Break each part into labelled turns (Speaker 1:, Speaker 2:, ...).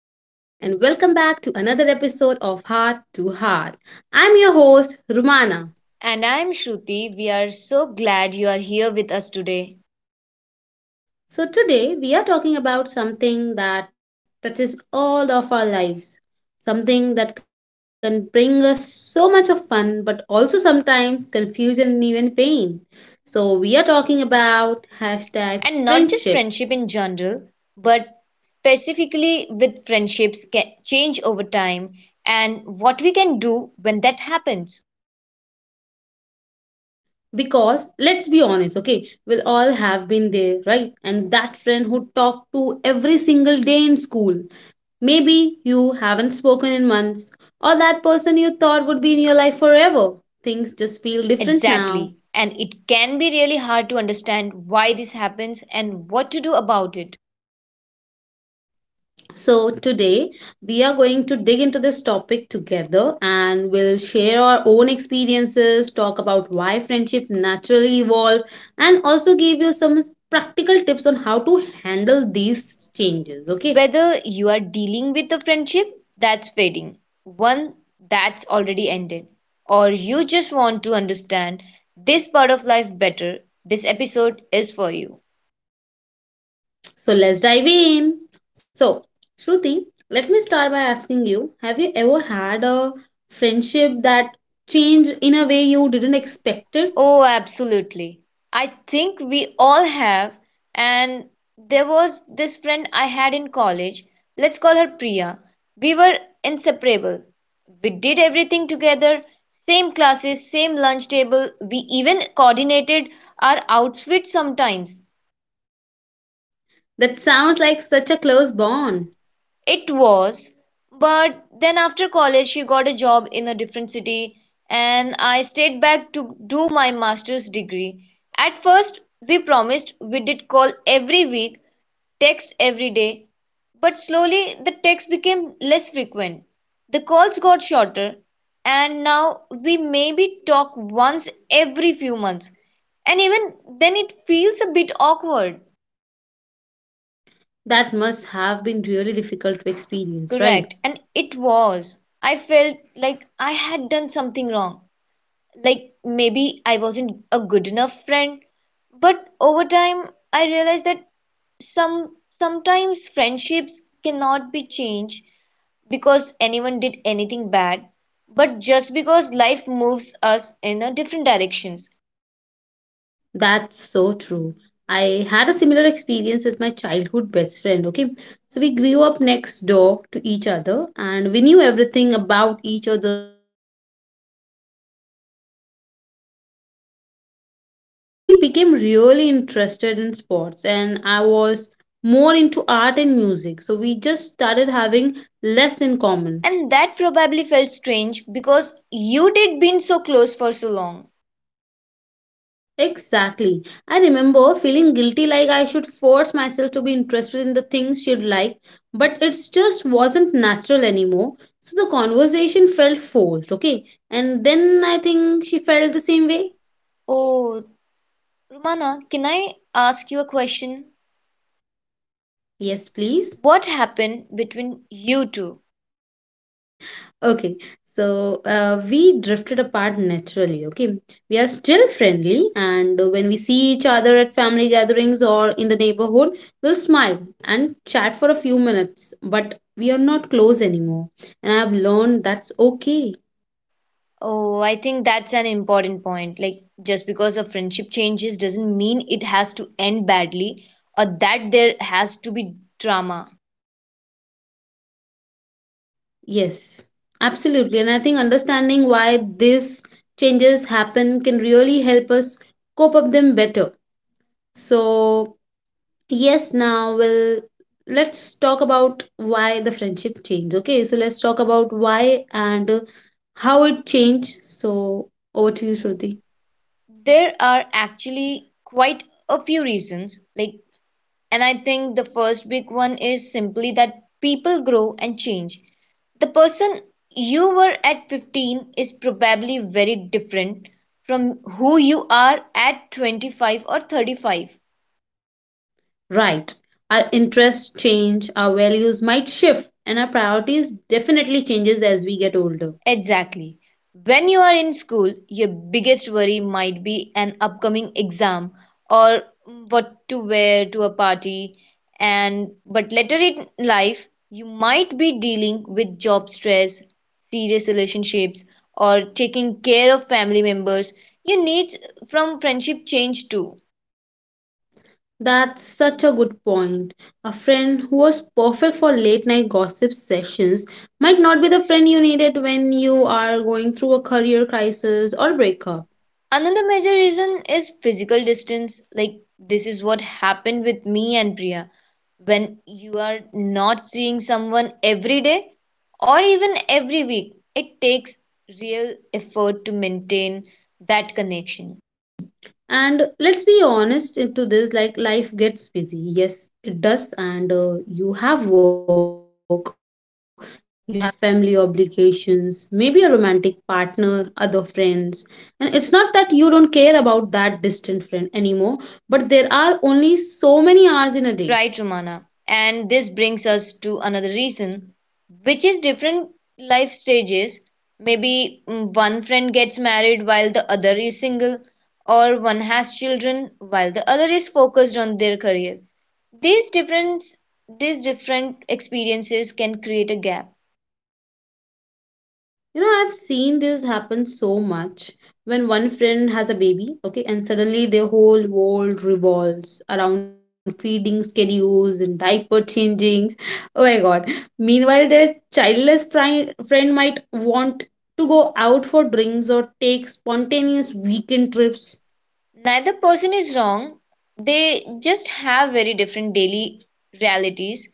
Speaker 1: and welcome back to another episode of Heart to Heart. I'm your host, Rumana.
Speaker 2: And I'm Shruti. We are so glad you are here with us today.
Speaker 1: So, today we are talking about something that touches all of our lives, something that can bring us so much of fun, but also sometimes confusion and even pain. So, we are talking about hashtag
Speaker 2: And not just
Speaker 1: friendship.
Speaker 2: friendship in general, but specifically with change over time and what we can do when that happens.
Speaker 1: Because let's be honest, okay, we'll all have been there, right? And that friend who talked to every single day in school, maybe you haven't spoken in months, or that person you thought would be in your life forever, things just feel different now.
Speaker 2: Exactly. And it can be really hard to understand why this happens and what to do about it.
Speaker 1: So, today we are going to dig into this topic together and we'll share our own experiences, talk about why friendship naturally evolve, and also give you some practical tips on how to handle these changes. Okay,
Speaker 2: Whether you are dealing with a friendship that's fading, one that's already ended, or you just want to understand this part of life better, this episode is for you.
Speaker 1: so let's dive in. So, Shruti, let me start by asking you, have you ever had a friendship that changed in a way you didn't expect it?
Speaker 2: Oh, absolutely. I think we all have. And there was this friend I had in college. Let's call her Priya. We were inseparable. We did everything together, same classes, same lunch table. We even coordinated our outfits sometimes.
Speaker 1: That sounds like such a close bond.
Speaker 2: It was, but then after college she got a job in a different city and I stayed back to do my master's degree. At first, we promised we did call every week, text every day, but slowly the texts became less frequent. The calls got shorter, and now we maybe talk once every few months. And even then, it feels a bit awkward.
Speaker 1: That must have been really difficult to experience, right?
Speaker 2: Correct. And it was. I felt like I had done something wrong. Like maybe I wasn't a good enough friend. But over time, I realized that some sometimes friendships cannot be changed because anyone did anything bad, but just because life moves us in a different directions.
Speaker 1: That's so true. I had a similar experience with my childhood best friend, okay? So we grew up next door to each other and we knew everything about each other's families. But when we got to high school, she became really interested in sports and I was more into art and music. So we just started having less in common.
Speaker 2: And that probably felt strange because you did been so close for so long.
Speaker 1: Exactly. I remember feeling guilty, like I should force myself to be interested in the things she'd like, but it just wasn't natural anymore. So the conversation felt forced, okay? And then I think she felt the same way.
Speaker 2: Oh, Romana, can I ask you a question?
Speaker 1: Yes, please.
Speaker 2: What happened between you two?
Speaker 1: Okay, so we drifted apart naturally. Okay, we are still friendly, and when we see each other at family gatherings or in the neighborhood, we'll smile and chat for a few minutes, but we are not close anymore. And I've learned that's okay.
Speaker 2: Oh, I think that's an important point. Like, just because a friendship changes doesn't mean it has to end badly or that there has to be drama.
Speaker 1: Yes, absolutely. And I think understanding why these changes happen can really help us cope up them better. So yes, now, well, let's talk about why the friendship changed. Okay, so let's talk about why and how it changed. So, over to you, Shruti.
Speaker 2: There are actually quite a few reasons. Like, and I think the first big one is simply that people grow and change. The person you were at 15 is probably very different from who you are at 25 or 35.
Speaker 1: Right. Our interests change, our values might shift, and our priorities definitely changes as we get older.
Speaker 2: Exactly. When you are in school, your biggest worry might be an upcoming exam or what to wear to a party, and but later in life you might be dealing with job stress, serious relationships or taking care of family members. Your needs from friendship change too.
Speaker 1: That's such a good point. A friend who was perfect for late night gossip sessions might not be the friend you needed when you are going through a career crisis or breakup.
Speaker 2: Another major reason is physical distance. Like, this is what happened with me and Priya. When you are not seeing someone every day or even every week, it takes real effort to maintain that connection.
Speaker 1: And let's be honest into this, like, life gets busy. Yes, it does, and you have work, you have family obligations, maybe a romantic partner, other friends, and it's not that you don't care about that distant friend anymore, but there are only so many hours in a day.
Speaker 2: Right, Romana. And this brings us to another reason, which is different life stages. Maybe one friend gets married while the other is single, or one has children while the other is focused on their career. These different these different experiences can create a gap.
Speaker 1: You know, I've seen this happen so much when one friend has a baby, okay, and suddenly their whole world revolves around feeding schedules and diaper changing. Oh my god. Meanwhile, their childless friend might want to go out for drinks or take spontaneous weekend trips.
Speaker 2: Neither person is wrong. They just have very different daily realities,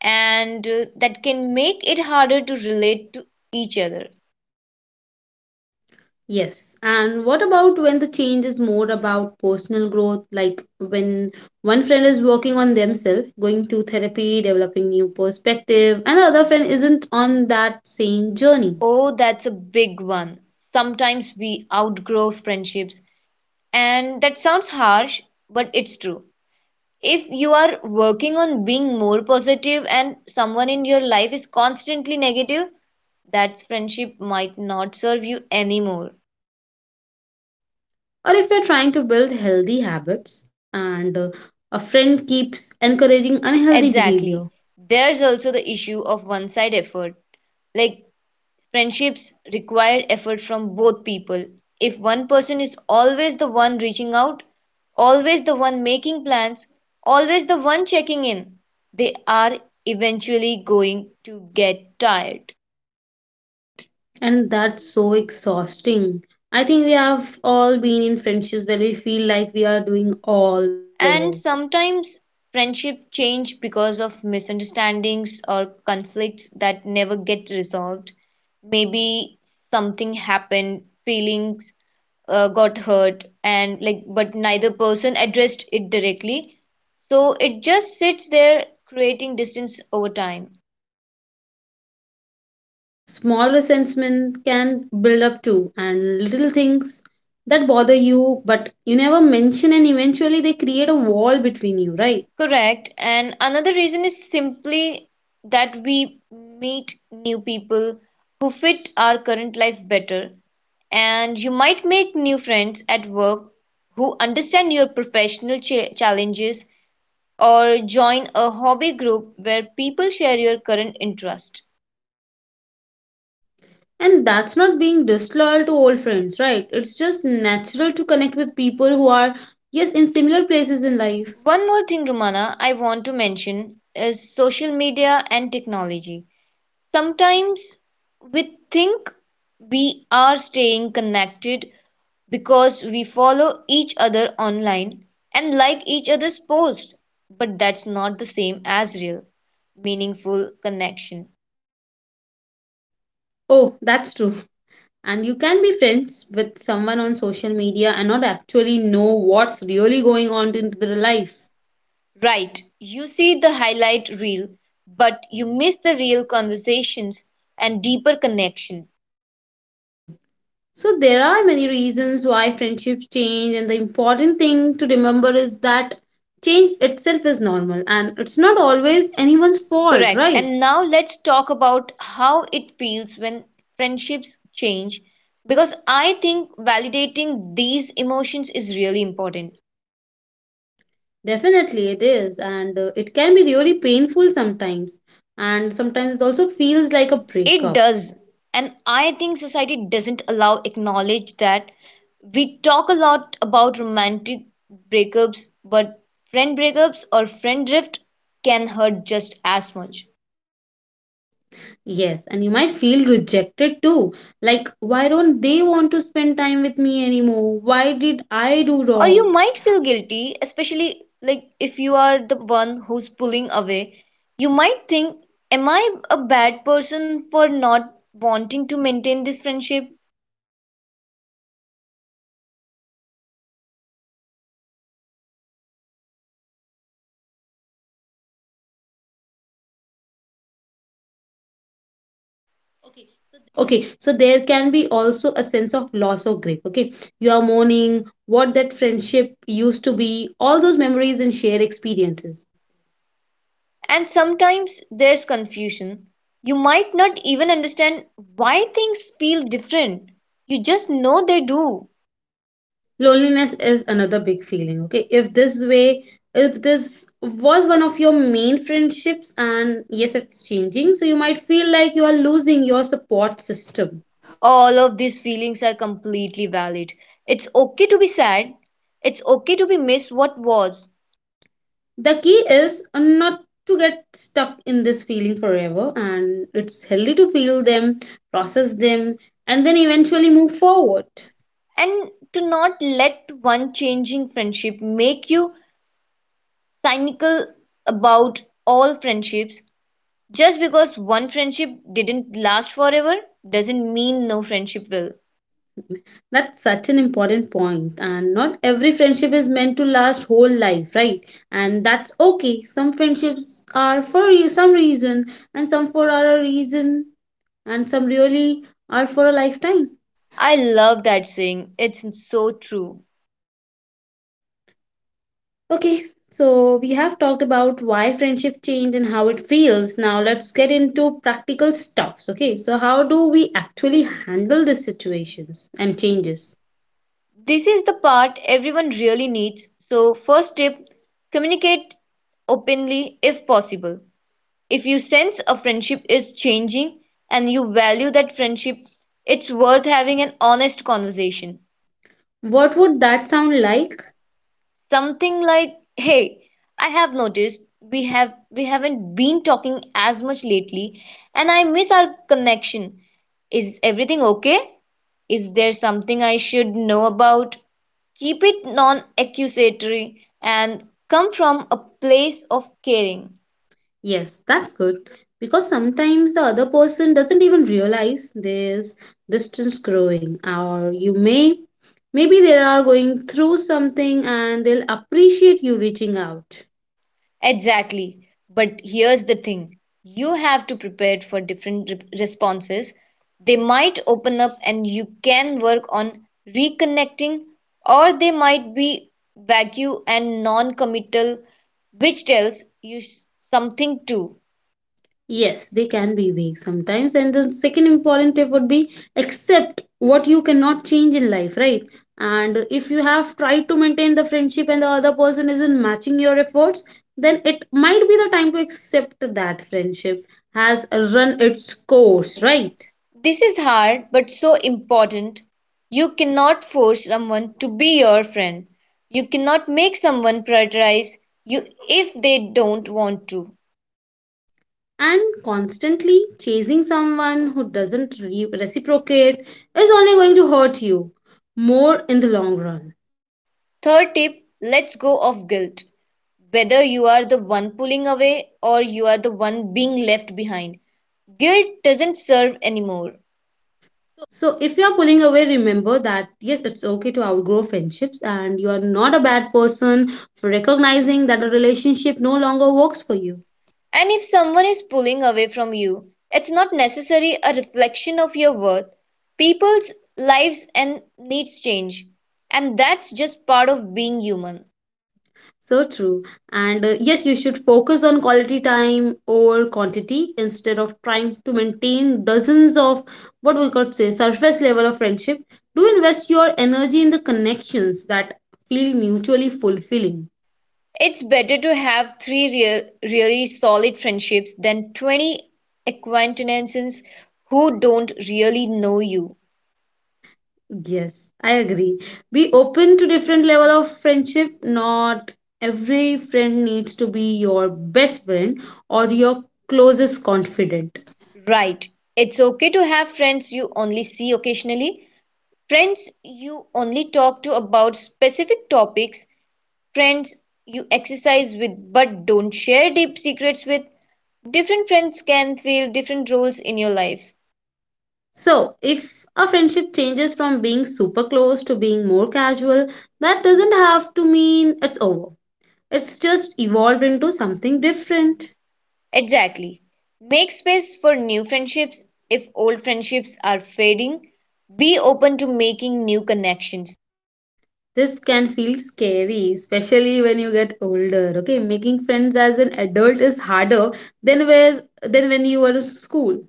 Speaker 2: and that can make it harder to relate to each other.
Speaker 1: Yes. And what about when the change is more about personal growth, like when one friend is working on themselves, going to therapy, developing new perspective, and the other friend isn't on that same journey?
Speaker 2: Oh, that's a big one. Sometimes we outgrow friendships, and that sounds harsh, but it's true. If you are working on being more positive and someone in your life is constantly negative, that friendship might not serve you anymore.
Speaker 1: Or if you're trying to build healthy habits and a friend keeps encouraging unhealthy
Speaker 2: Exactly.
Speaker 1: behavior,
Speaker 2: There's also the issue of one side effort. Like, friendships require effort from both people. If one person is always the one reaching out, always the one making plans, always the one checking in, they are eventually going to get tired.
Speaker 1: and that's so exhausting. I think we have all been in friendships where we feel like we are doing all the work.
Speaker 2: And sometimes friendship change because of misunderstandings or conflicts that never get resolved. Maybe something happened, feelings got hurt, and like but neither person addressed it directly, so it just sits there creating distance over time.
Speaker 1: Small resentment can build up too, and little things that bother you, but you never mention, and eventually they create a wall between you, right?
Speaker 2: Correct. And another reason is simply that we meet new people who fit our current life better. And you might make new friends at work who understand your challenges, or join a hobby group where people share your current interest.
Speaker 1: And that's not being disloyal to old friends, right? It's just natural to connect with people who are, yes, in similar places in life.
Speaker 2: One more thing, Romana, I want to mention is social media and technology. Sometimes we think we are staying connected because we follow each other online and like each other's posts, but that's not the same as real, meaningful connection.
Speaker 1: Oh, that's true. And you can be friends with someone on social media and not actually know what's really going on in their life.
Speaker 2: Right, you see the highlight reel, but you miss the real conversations and deeper connection.
Speaker 1: So there are many reasons why friendships change, and the important thing to remember is that change itself is normal and it's not always
Speaker 2: Right.
Speaker 1: anyone's fault,
Speaker 2: Correct.
Speaker 1: right?
Speaker 2: And now let's talk about how it feels when friendships change, because I think validating these emotions is really important.
Speaker 1: Definitely it is, and it can be really painful sometimes, and sometimes it also feels like a
Speaker 2: It
Speaker 1: breakup.
Speaker 2: does. And I think society doesn't allow acknowledge that. We talk a lot about romantic breakups, but friend breakups or friend drift can hurt just as much.
Speaker 1: Yes, and you might feel rejected too. Like, why don't they want to spend time with me anymore? Why did I do
Speaker 2: Or you
Speaker 1: wrong?
Speaker 2: might feel guilty, especially like if you are the one who's pulling away. You might think, am I a bad person for not wanting to maintain this friendship?
Speaker 1: Okay, so there can be also a sense of loss or grief. Okay, you are mourning what that friendship used to be, all those memories and shared experiences.
Speaker 2: And sometimes there's confusion. You might not even understand why things feel different. You just know they do.
Speaker 1: Loneliness is another big feeling. Okay, if this was one of your main friendships and yes it's changing, so you might feel like you are losing your support system.
Speaker 2: All of these feelings are completely valid. It's okay to be sad, it's okay to be miss what was.
Speaker 1: The key is not to get stuck in this feeling forever, and it's healthy to feel them, process them, and then eventually move forward.
Speaker 2: And to not let one changing friendship make you cynical about all friendships. Just because one friendship didn't last forever doesn't mean no friendship will.
Speaker 1: That's such an important point, and not every friendship is meant to last whole life, right? And that's okay. Some friendships are for you some reason, and some for other reason, and some really are for a lifetime.
Speaker 2: I love that saying. It's so true.
Speaker 1: Okay, so we have talked about why friendship change and how it feels. Now let's get into practical stuffs. Okay, so how do we actually handle these situations and changes?
Speaker 2: This is the part everyone really needs. So, first tip, communicate openly if possible. If you sense a friendship is changing and you value that friendship, it's worth having an honest conversation.
Speaker 1: What would that sound like?
Speaker 2: Something like, "Hey, I have noticed we haven't been talking as much lately, and I miss our connection. Is everything okay? Is there something I should know about?" Keep it non accusatory and come from a place of caring.
Speaker 1: Yes, that's good because sometimes the other person doesn't even realize there's distance growing, or you may, maybe they are going through something and they'll appreciate you reaching out.
Speaker 2: Exactly. But here's the thing, you have to prepare for different responses. They might open up and you can work on reconnecting, or they might be vague and non committal, which tells you something too.
Speaker 1: Yes, they can be vague sometimes. And the second important tip would be accept what you cannot change in life, right? And if you have tried to maintain the friendship and the other person isn't matching your efforts, then it might be the time to accept that friendship has run its course, right?
Speaker 2: This is hard but so important. You cannot force someone to be your friend. You cannot make someone prioritize you if they don't want to.
Speaker 1: And constantly chasing someone who doesn't reciprocate is only going to hurt you more in the long run.
Speaker 2: Third tip, let's go of guilt. Whether you are the one pulling away or you are the one being left behind, guilt doesn't serve anymore.
Speaker 1: So if you're pulling away, remember that yes, it's okay to outgrow friendships and you are not a bad person for recognizing that a relationship no longer works for you.
Speaker 2: And if someone is pulling away from you, it's not necessarily a reflection of your worth. People's lives and needs change, and that's just part of being human.
Speaker 1: So true. And yes, you should focus on quality time over quantity instead of trying to maintain dozens of what we could say surface level of friendship. Do invest your energy in the connections that feel mutually fulfilling.
Speaker 2: It's better to have three real, really solid friendships than 20 acquaintances who don't really know you.
Speaker 1: Yes, I agree. Be open to different level of friendship. Not every friend needs to be your best friend or your closest confidant.
Speaker 2: Right. It's okay to have friends you only see occasionally, friends you only talk to about specific topics, friends you exercise with but don't share deep secrets with. Different friends can fill different roles in your life.
Speaker 1: So, if a friendship changes from being super close to being more casual, that doesn't have to mean it's over. It's just evolved into something different.
Speaker 2: Exactly. Make space for new friendships if old friendships are fading. Be open to making new connections.
Speaker 1: This can feel scary, especially when you get older. Okay, making friends as an adult is harder than where than when you were in school.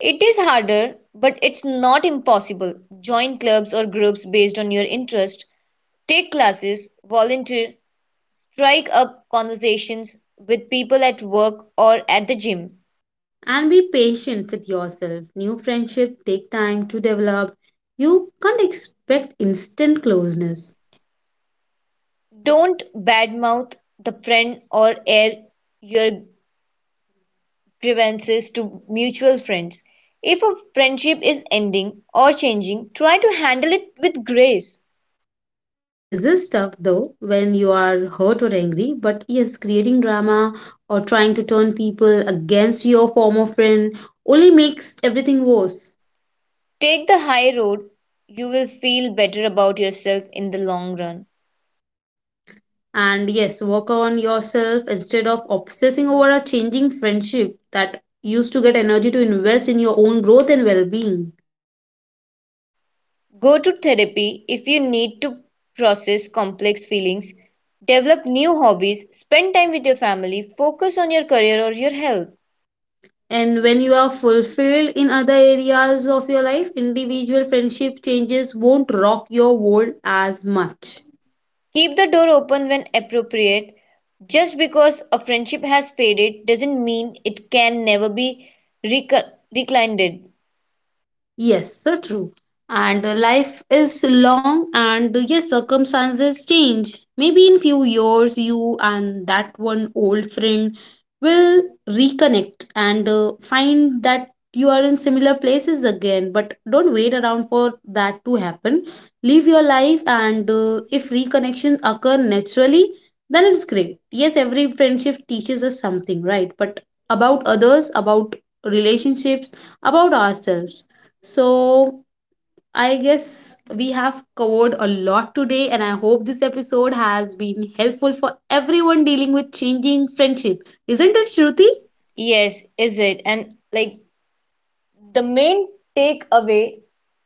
Speaker 2: It is harder, but it's not impossible. Join clubs or groups based on your interest, take classes, volunteer, strike up conversations with people at work or at the gym.
Speaker 1: And be patient with yourself. New friendship take time to develop. You can't expect instant closeness.
Speaker 2: Don't badmouth the friend or air your grievances to mutual friends. If a friendship is ending or changing, try to handle it with grace.
Speaker 1: This is tough though when you are hurt or angry, but yes, creating drama or trying to turn people against your former friend only makes everything worse.
Speaker 2: Take the high road. You will feel better about yourself in the long run.
Speaker 1: And yes, work on yourself instead of obsessing over a changing friendship that used to get energy to invest in your own growth and well being.
Speaker 2: Go to therapy if you need to process complex feelings, develop new hobbies, spend time with your family, focus on your career or your health.
Speaker 1: And when you are fulfilled in other areas of your life, individual friendship changes won't rock your world as much.
Speaker 2: Keep the door open when appropriate. Just because a friendship has faded doesn't mean it can never be recli- reclined.
Speaker 1: Yes, so true. And life is long, and yes, circumstances change. Maybe in few years, you and that one old friend will reconnect and find that you are in similar places again. But don't wait around for that to happen. Live your life, and if reconnection occur naturally, then it's great. Yes, every friendship teaches us something, right? But about others, about relationships, about ourselves. So, I guess we have covered a lot today, and I hope this episode has been helpful for everyone dealing with changing friendship. Isn't it, Shruti?
Speaker 2: Yes, is it? And like, the main takeaway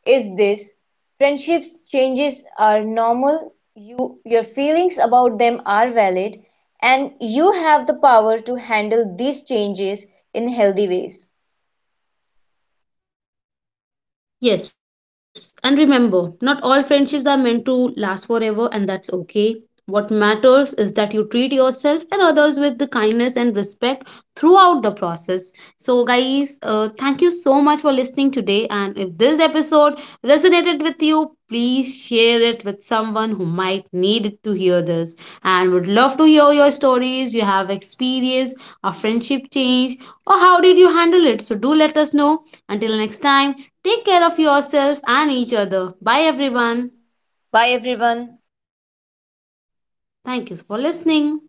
Speaker 2: is this: friendships changes are normal, you your feelings about them are valid, and you have the power to handle these changes in healthy ways.
Speaker 1: Yes, and remember, not all friendships are meant to last forever, and that's okay. What matters is that you treat yourself and others with the kindness and respect throughout the process. So, guys, thank you so much for listening today. And if this episode resonated with you, please share it with someone who might need to hear this, and would love to hear your stories you have experienced, a friendship change, or how did you handle it. So, do let us know. Until next time. Take care of yourself and each other. Bye, everyone.
Speaker 2: Bye everyone.
Speaker 1: Thank you for listening.